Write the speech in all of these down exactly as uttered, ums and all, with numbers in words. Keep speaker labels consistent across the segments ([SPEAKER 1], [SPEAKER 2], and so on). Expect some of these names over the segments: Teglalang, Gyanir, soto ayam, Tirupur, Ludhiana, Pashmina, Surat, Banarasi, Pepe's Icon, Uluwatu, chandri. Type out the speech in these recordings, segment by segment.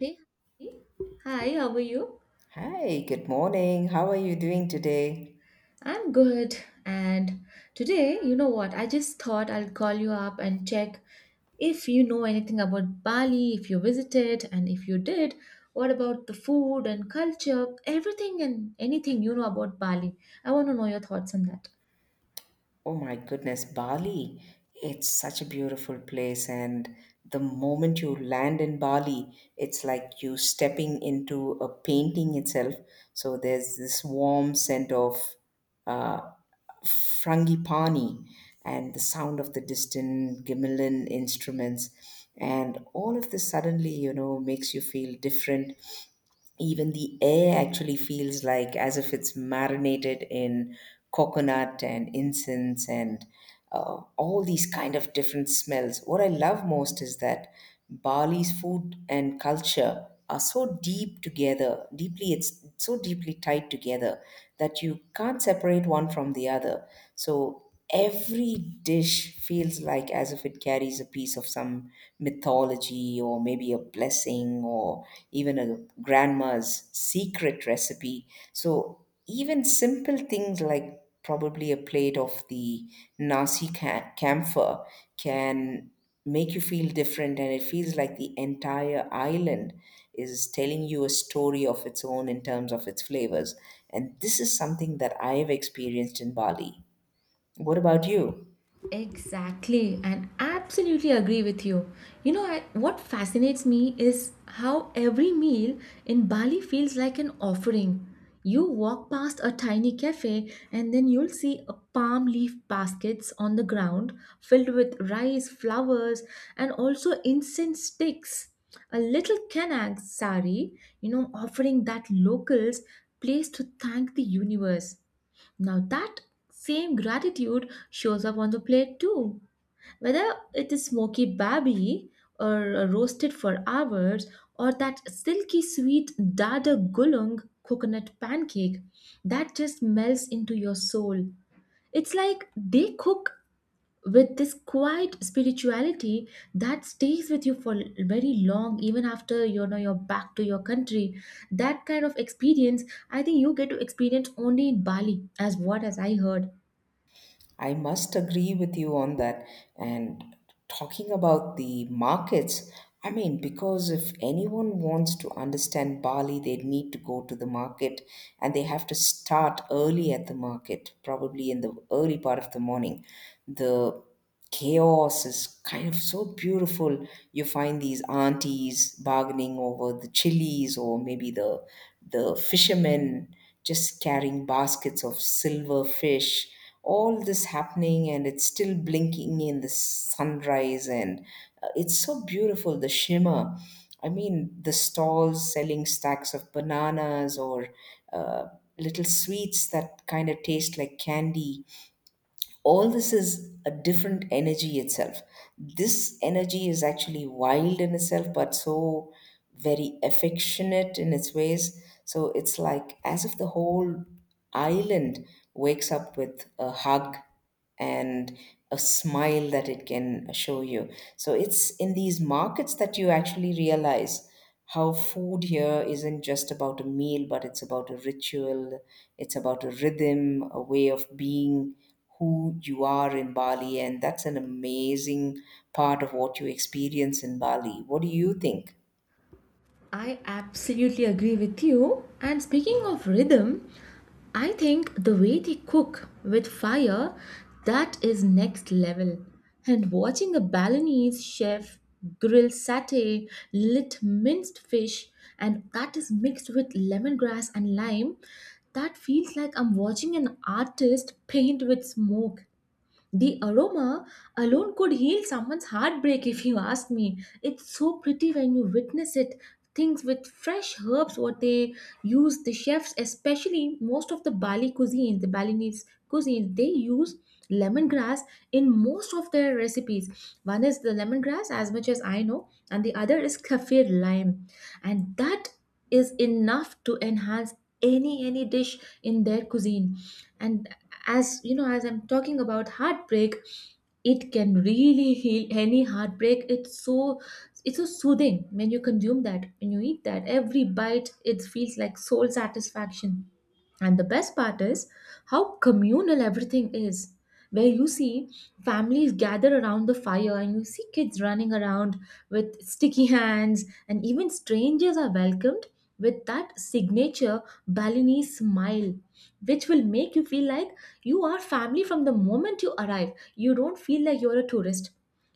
[SPEAKER 1] Hey, hi, hi, how are you?
[SPEAKER 2] Hi, good morning. How are you doing today?
[SPEAKER 1] I'm good. And today, you know what? I just thought I'll call you up and check if you know anything about Bali, if you visited, and if you did, what about the food and culture, everything and anything you know about Bali? I want to know your thoughts on that.
[SPEAKER 2] Oh my goodness, Bali. It's such a beautiful place, and the moment you land in Bali, it's like you stepping into a painting itself. So there's this warm scent of uh, frangipani and the sound of the distant gamelan instruments, and all of this suddenly you know makes you feel different. Even the air actually feels like as if it's marinated in coconut and incense and uh, all these kind of different smells. What I love most is that Bali's food and culture are so deep together, deeply, it's so deeply tied together that you can't separate one from the other. So every dish feels like as if it carries a piece of some mythology or maybe a blessing or even a grandma's secret recipe. So even simple things like probably a plate of the nasi ca- camphor can make you feel different, and it feels like the entire island is telling you a story of its own in terms of its flavors. And this is something that I have experienced in Bali. What about you?
[SPEAKER 1] Exactly, and absolutely agree with you. You know, I, what fascinates me is how every meal in Bali feels like an offering. You walk past a tiny cafe, and then you'll see a palm leaf baskets on the ground filled with rice, flowers, and also incense sticks. A little Kanag sari, you know, offering that locals place to thank the universe. Now that same gratitude shows up on the plate too. Whether it is smoky babi or roasted for hours or that silky sweet dada gulung coconut pancake that just melts into your soul. It's like they cook with this quiet spirituality that stays with you for very long, even after you know you're back to your country. That kind of experience, I think you get to experience only in Bali, as what as I heard.
[SPEAKER 2] I must agree with you on that. And talking about the markets, I mean, because if anyone wants to understand Bali, they need to go to the market, and they have to start early at the market, probably in the early part of the morning. The chaos is kind of so beautiful. You find these aunties bargaining over the chilies, or maybe the the fishermen just carrying baskets of silver fish. All this happening and it's still blinking in the sunrise, and uh, it's so beautiful the shimmer. I mean, the stalls selling stacks of bananas or uh, little sweets that kind of taste like candy, all this is a different energy itself. This energy is actually wild in itself but so very affectionate in its ways. So it's like as if the whole island wakes up with a hug and a smile that it can show you. So it's in these markets that you actually realize how food here isn't just about a meal, but it's about a ritual, it's about a rhythm, a way of being who you are in Bali. And that's an amazing part of what you experience in Bali. What do you think?
[SPEAKER 1] I absolutely agree with you, and speaking of rhythm, I think the way they cook with fire, that is next level. And watching a Balinese chef grill satay, lit minced fish, and that is mixed with lemongrass and lime, that feels like I'm watching an artist paint with smoke. The aroma alone could heal someone's heartbreak, if you ask me. It's so pretty when you witness it. Things with fresh herbs, what they use, the chefs, especially most of the Bali cuisines, the Balinese cuisines, they use lemongrass in most of their recipes. One is the lemongrass, as much as I know, and the other is kaffir lime. And that is enough to enhance any any dish in their cuisine. And as you know, as I'm talking about heartbreak, it can really heal any heartbreak. It's so, it's so soothing when you consume that, when you eat that. Every bite it feels like soul satisfaction. And the best part is how communal everything is, where you see families gather around the fire, and you see kids running around with sticky hands, and even strangers are welcomed with that signature Balinese smile, which will make you feel like you are family from the moment you arrive. You don't feel like you're a tourist.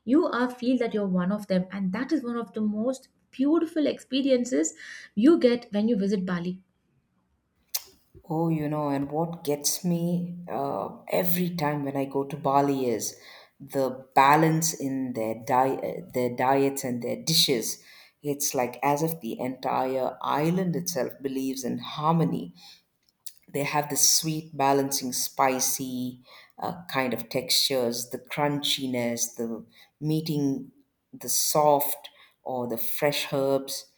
[SPEAKER 1] You are feel that you're one of them, and that is one of the most beautiful experiences you get when you visit Bali.
[SPEAKER 2] Oh, you know, and what gets me uh, every time when I go to Bali is the balance in their diet, their diets and their dishes. It's like as if the entire island itself believes in harmony. They have this sweet, balancing, spicy uh, kind of textures, the crunchiness, the meeting the soft or the fresh herbs,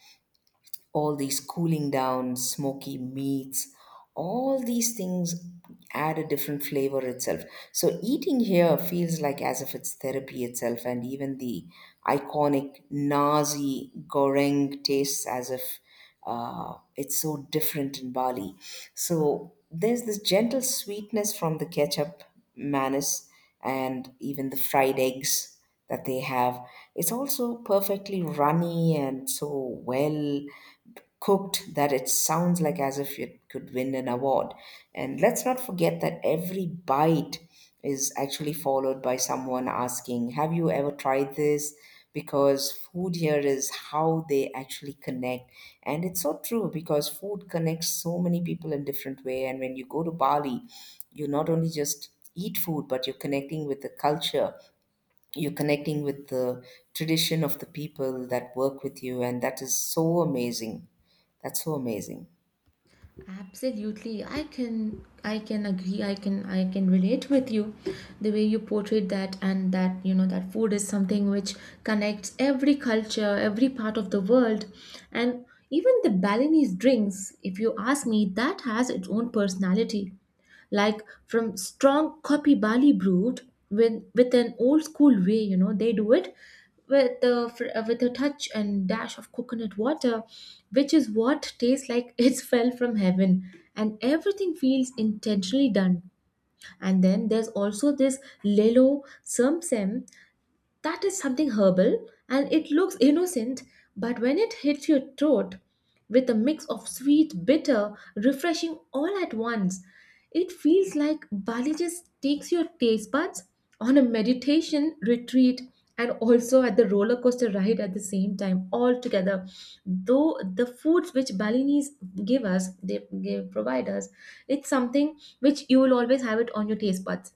[SPEAKER 2] all these cooling down, smoky meats, all these things add a different flavor itself. So eating here feels like as if it's therapy itself, and even the iconic nasi goreng tastes as if uh, it's so different in Bali. So there's this gentle sweetness from the ketchup, manis, and even the fried eggs that they have. It's also perfectly runny and so well cooked that it sounds like as if it could win an award. And let's not forget that every bite is actually followed by someone asking, "Have you ever tried this?" Because food here is how they actually connect. And it's so true because food connects so many people in different way. And when you go to Bali, you not only just eat food, but you're connecting with the culture, you're connecting with the tradition of the people that work with you, and that is so amazing, that's so amazing.
[SPEAKER 1] Absolutely. I can I can agree. I can I can relate with you. The way you portrayed that, and that, you know, that food is something which connects every culture, every part of the world. And even the Balinese drinks, if you ask me, that has its own personality, like from strong copy barley brewed with with an old school way, you know they do it with the fr- uh, with a touch and dash of coconut water, which is what tastes like it's fell from heaven, and everything feels intentionally done. And then there's also this lelo samsem. That is something herbal, and it looks innocent, but when it hits your throat with a mix of sweet, bitter, refreshing all at once, it feels like Bali just takes your taste buds on a meditation retreat, and also at the roller coaster ride at the same time, all together. Though the foods which Balinese give us, they give, provide us, it's something which you will always have it on your taste buds.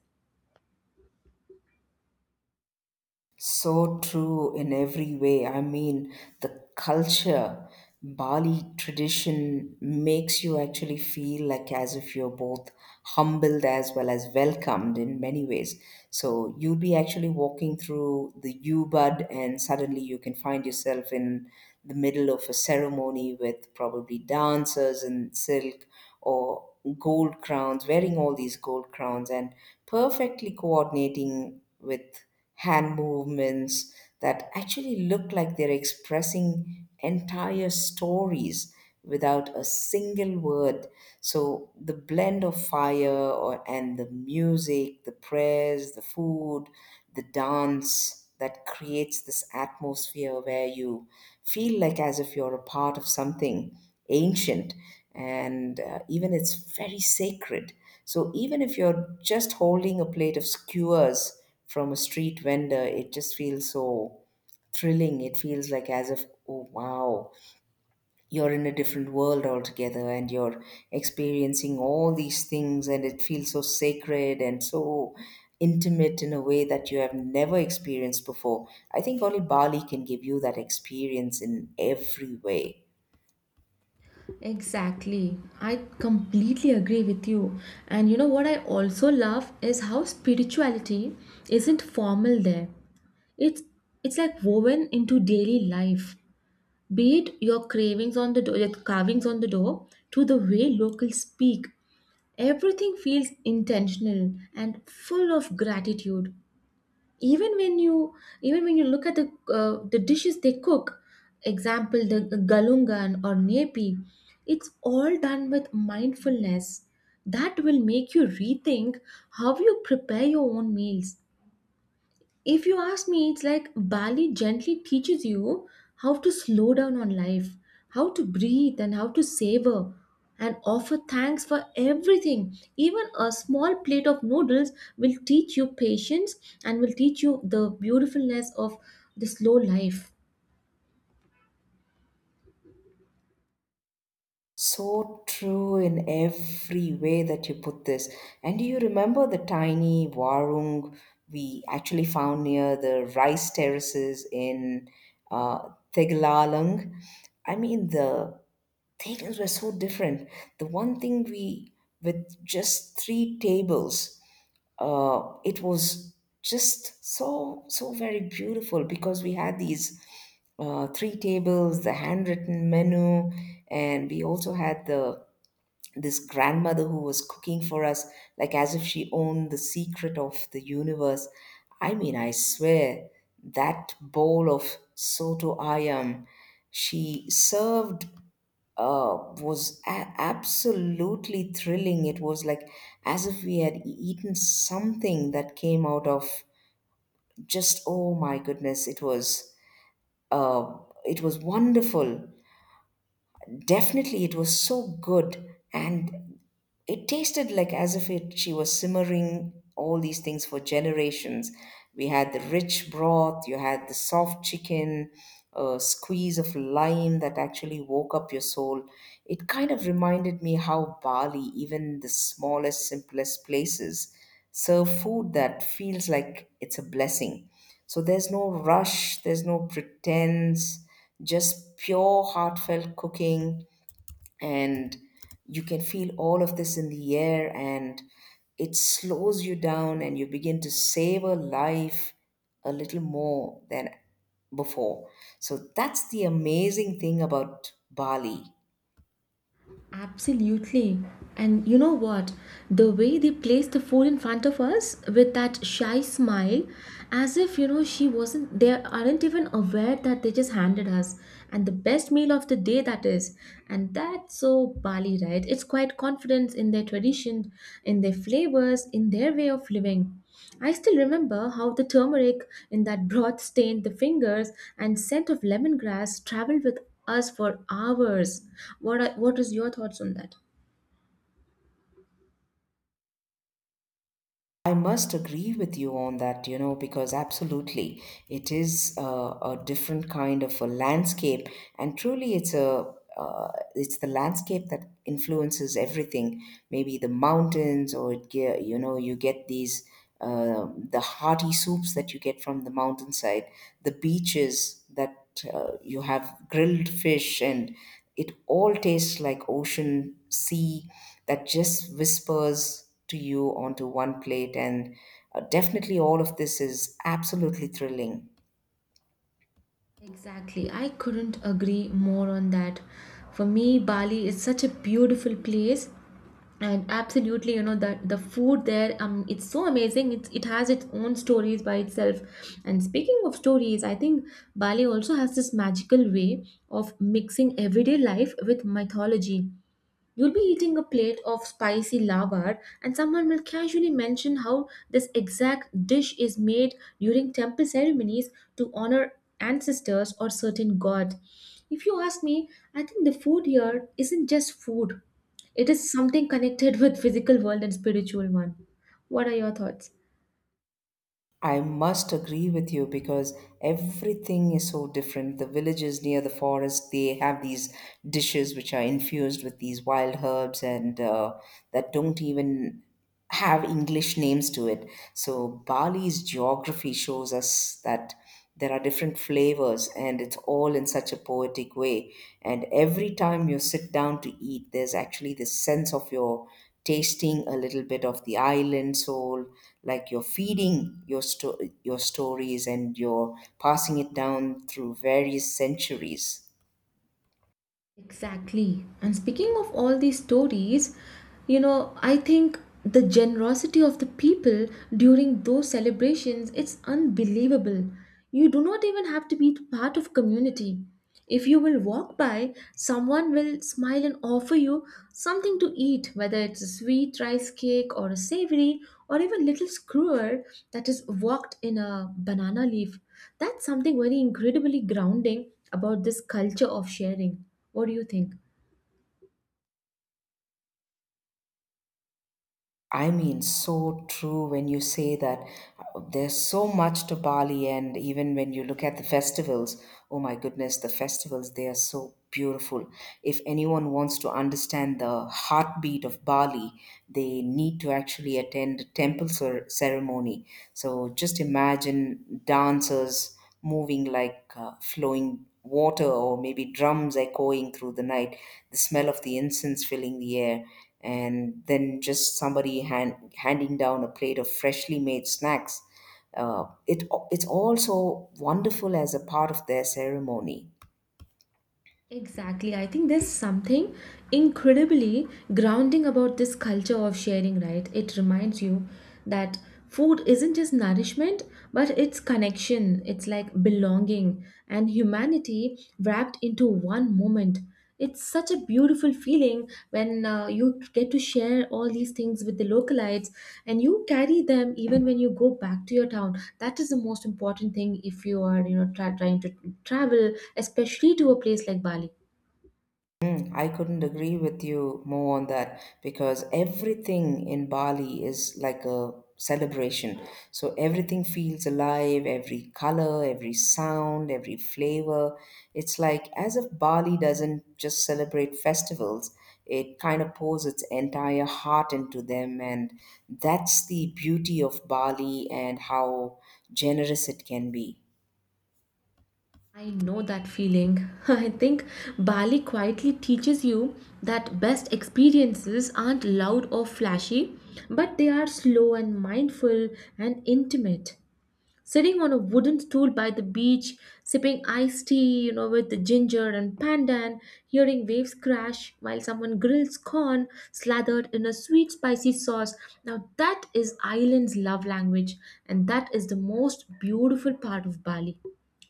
[SPEAKER 2] So true in every way. I mean, the culture, Bali tradition makes you actually feel like as if you're both humbled as well as welcomed in many ways. So you'll be actually walking through the U-Bud and suddenly you can find yourself in the middle of a ceremony with probably dancers in silk or gold crowns, wearing all these gold crowns and perfectly coordinating with hand movements that actually look like they're expressing entire stories without a single word. So the blend of fire or and the music, the prayers, the food, the dance that creates this atmosphere where you feel like as if you're a part of something ancient and uh, even it's very sacred. So even if you're just holding a plate of skewers from a street vendor, it just feels so thrilling. It feels like as if, oh wow, you're in a different world altogether and you're experiencing all these things, and it feels so sacred and so intimate in a way that you have never experienced before. I think only Bali can give you that experience in every way.
[SPEAKER 1] Exactly. I completely agree with you. And you know what I also love is how spirituality isn't formal there. It's it's like woven into daily life. Be it your cravings on the door, your carvings on the door, to the way locals speak. Everything feels intentional and full of gratitude, even when you, even when you look at the uh, the dishes they cook, example the galungan or nepi. It's all done with mindfulness that will make you rethink how you prepare your own meals. If you ask me, it's like Bali gently teaches you how to slow down on life, how to breathe, and how to savor and offer thanks for everything. Even a small plate of noodles will teach you patience, and will teach you the beautifulness of the slow life.
[SPEAKER 2] So true in every way that you put this. And do you remember the tiny warung we actually found near the rice terraces in uh, Teglalang? I mean, the tables were so different. The one thing we, with just three tables, uh, it was just so so very beautiful because we had these uh, three tables, the handwritten menu, and we also had the this grandmother who was cooking for us, like as if she owned the secret of the universe. I mean, I swear that bowl of soto ayam she served uh, was a- absolutely thrilling. It was like as if we had e- eaten something that came out of just oh my goodness! It was uh, it was wonderful. Definitely, it was so good, and it tasted like as if it she was simmering all these things for generations. We had the rich broth, you had the soft chicken, a squeeze of lime that actually woke up your soul. It kind of reminded me how Bali, even the smallest, simplest places, serve food that feels like it's a blessing. So there's no rush, there's no pretense, just pure heartfelt cooking, and you can feel all of this in the air, and it slows you down and you begin to savor life a little more than before. So that's the amazing thing about Bali.
[SPEAKER 1] Absolutely. And you know what? The way they placed the food in front of us with that shy smile, as if, you know, she wasn't, they aren't even aware that they just handed us. And the best meal of the day, that is. And that's so Bali, right? It's quite confidence in their tradition, in their flavors, in their way of living. I still remember how the turmeric in that broth stained the fingers, and scent of lemongrass traveled with us for hours. What are, what is your thoughts on that?
[SPEAKER 2] I must agree with you on that, you know, because absolutely it is uh, a different kind of a landscape, and truly it's a uh, it's the landscape that influences everything. Maybe the mountains, or it ge- you know you get these uh, the hearty soups that you get from the mountainside, the beaches that that uh, you have grilled fish and it all tastes like ocean, sea, that just whispers to you onto one plate. And uh, definitely all of this is absolutely thrilling.
[SPEAKER 1] Exactly. I couldn't agree more on that. For me, Bali is such a beautiful place, and absolutely you know that the food there, um it's so amazing. It's, it has its own stories by itself. And speaking of stories, I think Bali also has this magical way of mixing everyday life with mythology. You'll be eating a plate of spicy lavash, and someone will casually mention how this exact dish is made during temple ceremonies to honor ancestors or certain god. If you ask me, I think the food here isn't just food. It is something connected with physical world and spiritual one. What are your thoughts?
[SPEAKER 2] I must agree with you because everything is so different. The villages near the forest, they have these dishes which are infused with these wild herbs and uh, that don't even have English names to it. So, Bali's geography shows us that there are different flavors, and it's all in such a poetic way, and every time you sit down to eat there's actually this sense of your tasting a little bit of the island soul, like you're feeding your sto- your stories and you're passing it down through various centuries.
[SPEAKER 1] Exactly. And speaking of all these stories, you know, I think the generosity of the people during those celebrations, it's unbelievable. You do not even have to be part of community. If you will walk by, someone will smile and offer you something to eat, whether it's a sweet rice cake or a savory, or even little skewer that is walked in a banana leaf. That's something very incredibly grounding about this culture of sharing. What do you think?
[SPEAKER 2] I mean, so true when you say that uh, there's so much to Bali, and even when you look at the festivals, oh my goodness, the festivals, they are so beautiful. If anyone wants to understand the heartbeat of Bali, they need to actually attend a temple cer- ceremony. So just imagine dancers moving like uh, flowing water or maybe drums echoing through the night, the smell of the incense filling the air, and then just somebody hand, handing down a plate of freshly made snacks. Uh, it, it's also wonderful as a part of their ceremony.
[SPEAKER 1] Exactly. I think there's something incredibly grounding about this culture of sharing, right? It reminds you that food isn't just nourishment, but it's connection, it's like belonging and humanity wrapped into one moment. It's such a beautiful feeling when uh, you get to share all these things with the localites, and you carry them even when you go back to your town. That is the most important thing if you are, you know, try trying to travel, especially to a place like Bali.
[SPEAKER 2] Mm, I couldn't agree with you more on that because everything in Bali is like a celebration. So everything feels alive, every color, every sound, every flavor. It's like as if Bali doesn't just celebrate festivals, it kind of pours its entire heart into them. And that's the beauty of Bali and how generous it can be.
[SPEAKER 1] I know that feeling. I think Bali quietly teaches you that best experiences aren't loud or flashy, but they are slow and mindful and intimate. Sitting on a wooden stool by the beach, sipping iced tea, you know, with ginger and pandan, hearing waves crash while someone grills corn slathered in a sweet spicy sauce. Now that is island's love language, and that is the most beautiful part of Bali.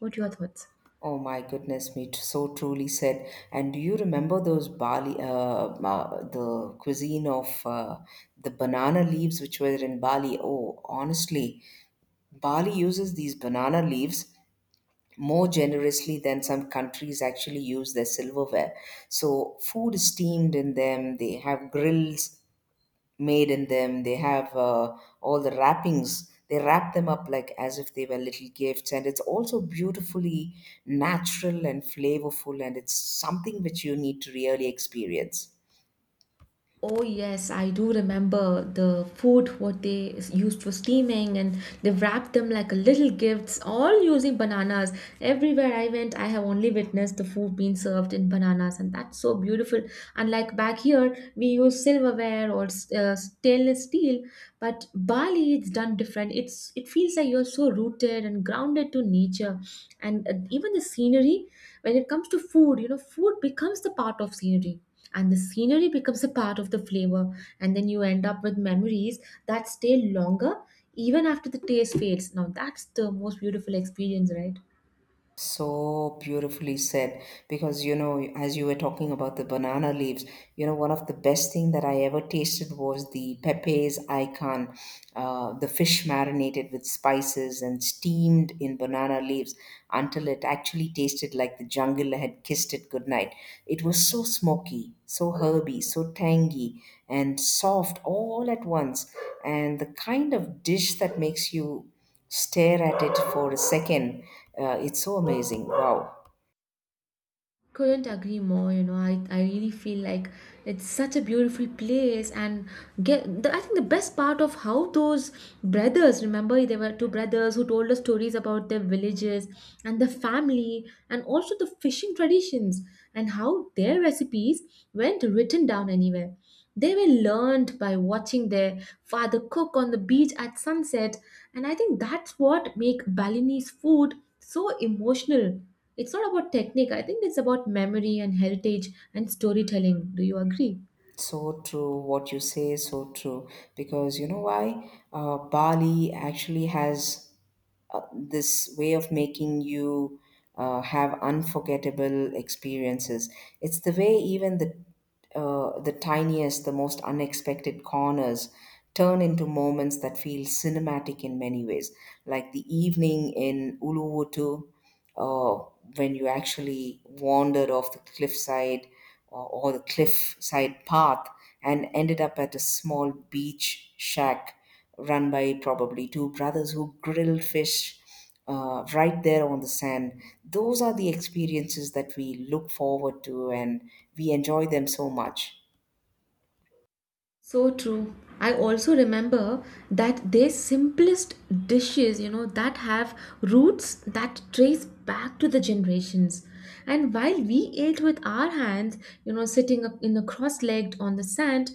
[SPEAKER 1] What are your thoughts?
[SPEAKER 2] Oh my goodness me, t- so truly said. And do you remember those Bali, uh, ma- the cuisine of uh, the banana leaves which were in Bali? Oh, honestly, Bali uses these banana leaves more generously than some countries actually use their silverware. So food is steamed in them, they have grills, made in them. They have uh, all the wrappings. They wrap them up like as if they were little gifts, and it's also beautifully natural and flavorful, and it's something which you need to really experience.
[SPEAKER 1] Oh yes, I do remember the food what they s- used for steaming, and they wrapped them like a little gifts all using bananas. Everywhere I went, I have only witnessed the food being served in bananas, and that's so beautiful. Unlike back here, we use silverware or s- uh, stainless steel, but Bali it's done different. It's, it feels like you're so rooted and grounded to nature, and uh, even the scenery, when it comes to food, you know, food becomes the part of scenery, and the scenery becomes a part of the flavor, and then you end up with memories that stay longer even after the taste fades. Now that's the most beautiful experience, right?
[SPEAKER 2] So beautifully said. Because, you know, as you were talking about the banana leaves, you know, one of the best thing that I ever tasted was the Pepe's Icon, uh, the fish marinated with spices and steamed in banana leaves until it actually tasted like the jungle had kissed it goodnight. It was so smoky, so herby, so tangy, and soft all at once. And the kind of dish that makes you stare at it for a second. Uh, it's so amazing. Wow.
[SPEAKER 1] Couldn't agree more. You know, I, I really feel like it's such a beautiful place, and get the, I think the best part of how those brothers remember, they were two brothers who told us stories about their villages and the family, and also the fishing traditions and how their recipes weren't written down anywhere. They were learned by watching their father cook on the beach at sunset, and I think that's what make Balinese food so emotional. It's not about technique, I think it's about memory and heritage and storytelling. Do you agree?
[SPEAKER 2] So true, what you say is so true. Because you know why? Uh, Bali actually has uh, this way of making you uh, have unforgettable experiences. It's the way even the uh, the tiniest, the most unexpected corners turn into moments that feel cinematic in many ways, like the evening in Uluwutu, uh, when you actually wandered off the cliffside or, or the cliff side path and ended up at a small beach shack run by probably two brothers who grilled fish uh, right there on the sand. Those are the experiences that we look forward to and we enjoy them so much.
[SPEAKER 1] So true. I also remember that their simplest dishes, you know, that have roots that trace back to the generations. And while we ate with our hands, you know, sitting up in a cross-legged on the sand,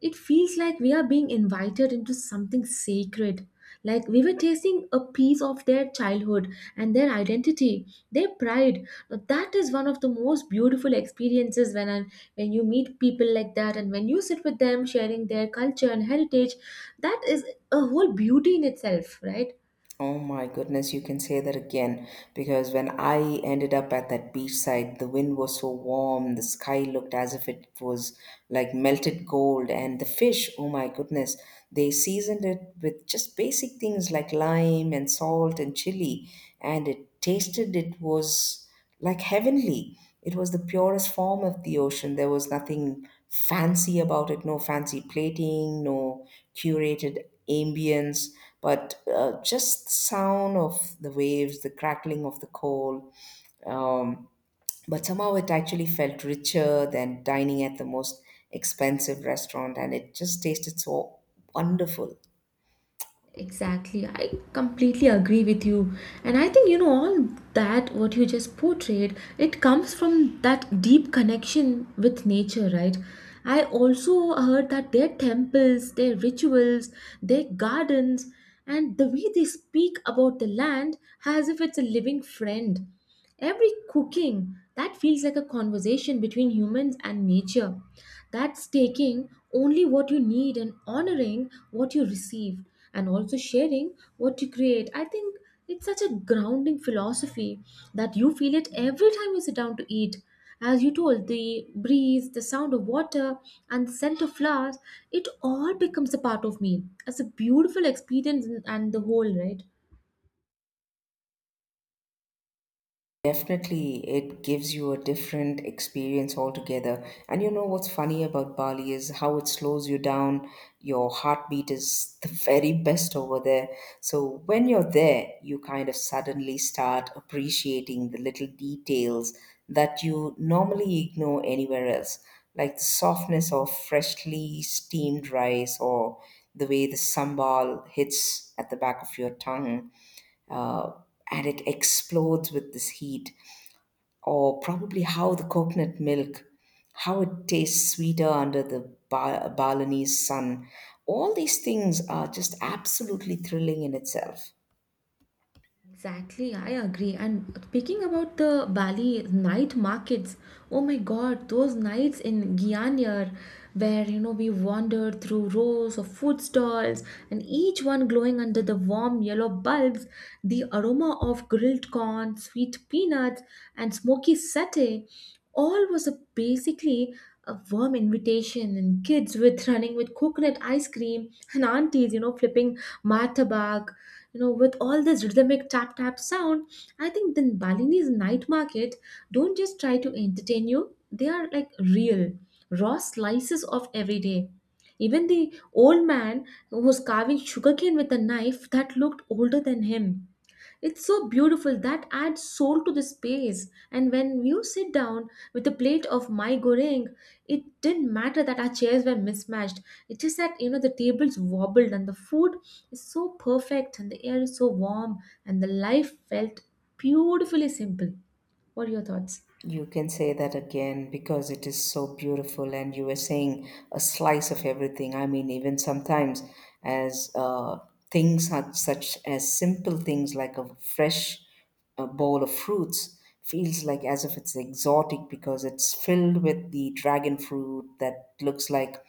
[SPEAKER 1] it feels like we are being invited into something sacred. Like we were tasting a piece of their childhood and their identity, their pride. Now, that is one of the most beautiful experiences when I, when you meet people like that, and when you sit with them sharing their culture and heritage. That is a whole beauty in itself, right?
[SPEAKER 2] Oh my goodness, you can say that again because when I ended up at that beachside, the wind was so warm, the sky looked as if it was like melted gold, and the fish, oh my goodness, they seasoned it with just basic things like lime and salt and chili, and it tasted it was like heavenly. It was the purest form of the ocean. There was nothing fancy about it, no fancy plating, no curated ambience, but uh, just the sound of the waves, the crackling of the coal. Um, but somehow it actually felt richer than dining at the most expensive restaurant, and it just tasted so wonderful.
[SPEAKER 1] Exactly. I completely agree with you. And I think, you know, all that what you just portrayed, it comes from that deep connection with nature, right? I also heard that their temples, their rituals, their gardens, and the way they speak about the land as if it's a living friend. Every cooking that feels like a conversation between humans and nature. That's taking only what you need and honoring what you receive and also sharing what you create. I think it's such a grounding philosophy that you feel it every time you sit down to eat. As you told, the breeze, the sound of water, and the scent of flowers, it all becomes a part of me. It's a beautiful experience and and the whole, right?
[SPEAKER 2] Definitely, it gives you a different experience altogether. And you know what's funny about Bali is how it slows you down. Your heartbeat is the very best over there. So when you're there, you kind of suddenly start appreciating the little details that you normally ignore anywhere else, like the softness of freshly steamed rice or the way the sambal hits at the back of your tongue. Uh, and it explodes with this heat or probably how the coconut milk, how it tastes sweeter under the ba- Balinese sun. All these things are just absolutely thrilling in itself.
[SPEAKER 1] Exactly, I agree. And speaking about the Bali night markets, oh my God, those nights in Gyanir, where you know we wandered through rows of food stalls and each one glowing under the warm yellow bulbs, the aroma of grilled corn, sweet peanuts, and smoky satay, all was a basically a warm invitation, and kids with running with coconut ice cream, and aunties, you know, flipping martabak, you know, with all this rhythmic tap tap sound. I think the Balinese night market don't just try to entertain you, they are like real raw slices of everyday. Even the old man who was carving sugarcane with a knife that looked older than him, it's so beautiful that adds soul to the space. And when you sit down with a plate of my goreng, it didn't matter that our chairs were mismatched. It's just that, you know, the tables wobbled and the food is so perfect and the air is so warm and the life felt beautifully simple. What are your thoughts?
[SPEAKER 2] You can say that again because it is so beautiful, and you were saying a slice of everything. I mean, even sometimes, as uh, things are such as simple things like a fresh uh, bowl of fruits feels like as if it's exotic because it's filled with the dragon fruit that looks like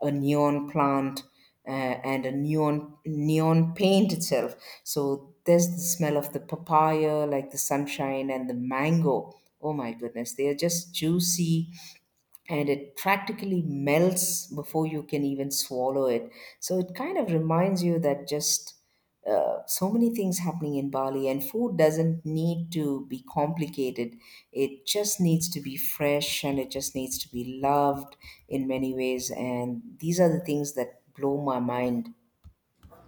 [SPEAKER 2] a neon plant uh, and a neon neon paint itself. So there's the smell of the papaya, like the sunshine and the mango. Oh my goodness, they are just juicy and it practically melts before you can even swallow it. So it kind of reminds you that just uh, so many things happening in Bali, and food doesn't need to be complicated. It just needs to be fresh and it just needs to be loved in many ways. And these are the things that blow my mind.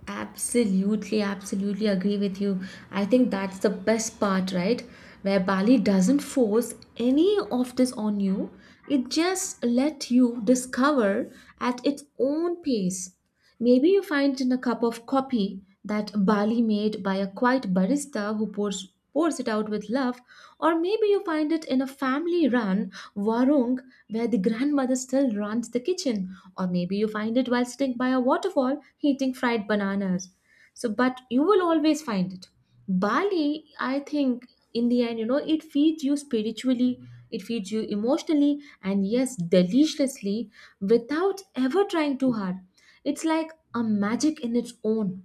[SPEAKER 1] Absolutely, absolutely agree with you. I think that's the best part, right? Where Bali doesn't force any of this on you, it just let you discover at its own pace. Maybe you find in a cup of coffee that Bali made by a quiet barista who pours pours it out with love, or maybe you find it in a family run warung where the grandmother still runs the kitchen, or maybe you find it while sitting by a waterfall eating fried bananas. So, but you will always find it. Bali, I think, in the end, you know, it feeds you spiritually, it feeds you emotionally, and yes, deliciously without ever trying too hard. It's like a magic in its own.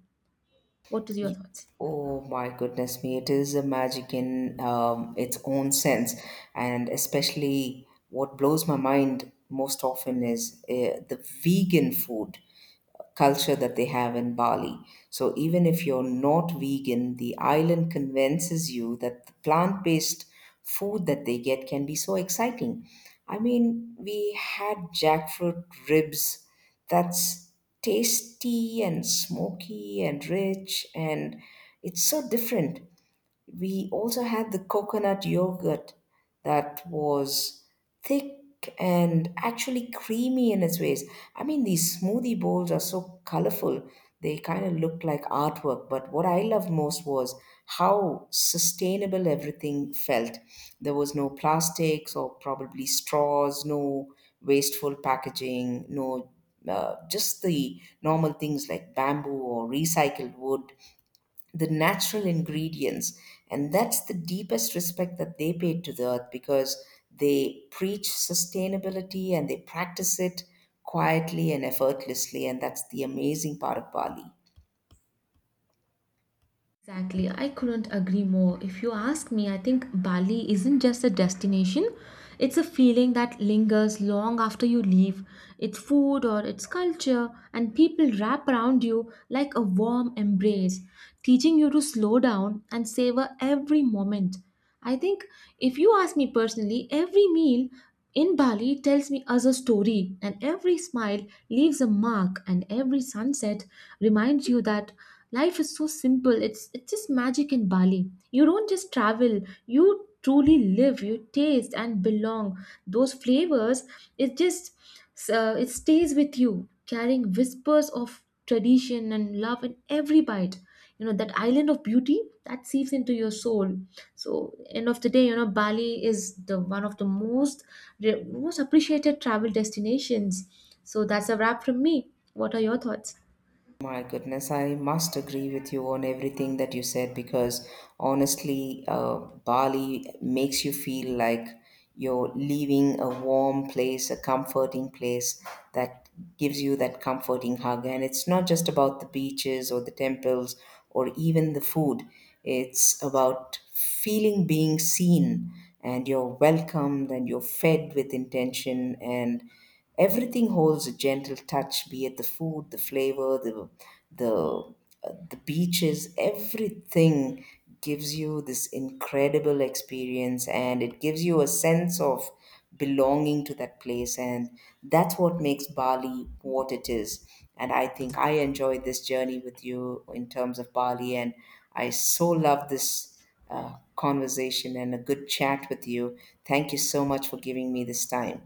[SPEAKER 1] What is your
[SPEAKER 2] Y-
[SPEAKER 1] thoughts?
[SPEAKER 2] Oh my goodness me, it is a magic in um, its own sense. And especially what blows my mind most often is uh, the vegan food culture that they have in Bali. So even if you're not vegan, the island convinces you that the plant-based food that they get can be so exciting. I mean, we had jackfruit ribs that's tasty and smoky and rich and it's so different. We also had the coconut yogurt that was thick and actually creamy in its ways. I mean, these smoothie bowls are so colorful. They kind of look like artwork, but what I loved most was how sustainable everything felt. There was no plastics or probably straws, no wasteful packaging, no uh, just the normal things like bamboo or recycled wood, the natural ingredients, and that's the deepest respect that they pay to the earth because they preach sustainability and they practice it quietly and effortlessly, and that's the amazing part of Bali.
[SPEAKER 1] Exactly, I couldn't agree more. If you ask me, I think Bali isn't just a destination, it's a feeling that lingers long after you leave. It's food or it's culture, and people wrap around you like a warm embrace, teaching you to slow down and savor every moment. I think if you ask me personally, every meal in Bali tells me as a story, and every smile leaves a mark, and every sunset reminds you that life is so simple. It's it's just magic in Bali. You don't just travel, you truly live, you taste and belong. Those flavors, it just uh, it stays with you, carrying whispers of tradition and love in every bite, you know, that island of beauty that seeps into your soul. So end of the day, you know, Bali is the one of the most re- most appreciated travel destinations. So that's a wrap from me. What are your thoughts?
[SPEAKER 2] My goodness, I must agree with you on everything that you said because honestly, uh, Bali makes you feel like you're leaving a warm place, a comforting place that gives you that comforting hug. And it's not just about the beaches or the temples or even the food, it's about feeling being seen and you're welcomed and you're fed with intention, and everything holds a gentle touch, be it the food, the flavor, the the uh, the beaches, everything gives you this incredible experience and it gives you a sense of belonging to that place, and that's what makes Bali what it is. And I think I enjoyed this journey with you in terms of Bali, and I so love this uh, conversation and a good chat with you. Thank you so much for giving me this time.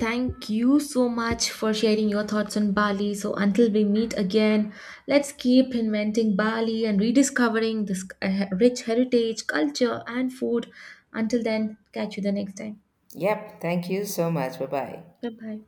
[SPEAKER 1] Thank you so much for sharing your thoughts on Bali. So until we meet again, let's keep inventing Bali and rediscovering this uh, rich heritage culture and food. Until then, catch you the next time.
[SPEAKER 2] Yep, thank you so much. Bye bye.
[SPEAKER 1] Bye bye.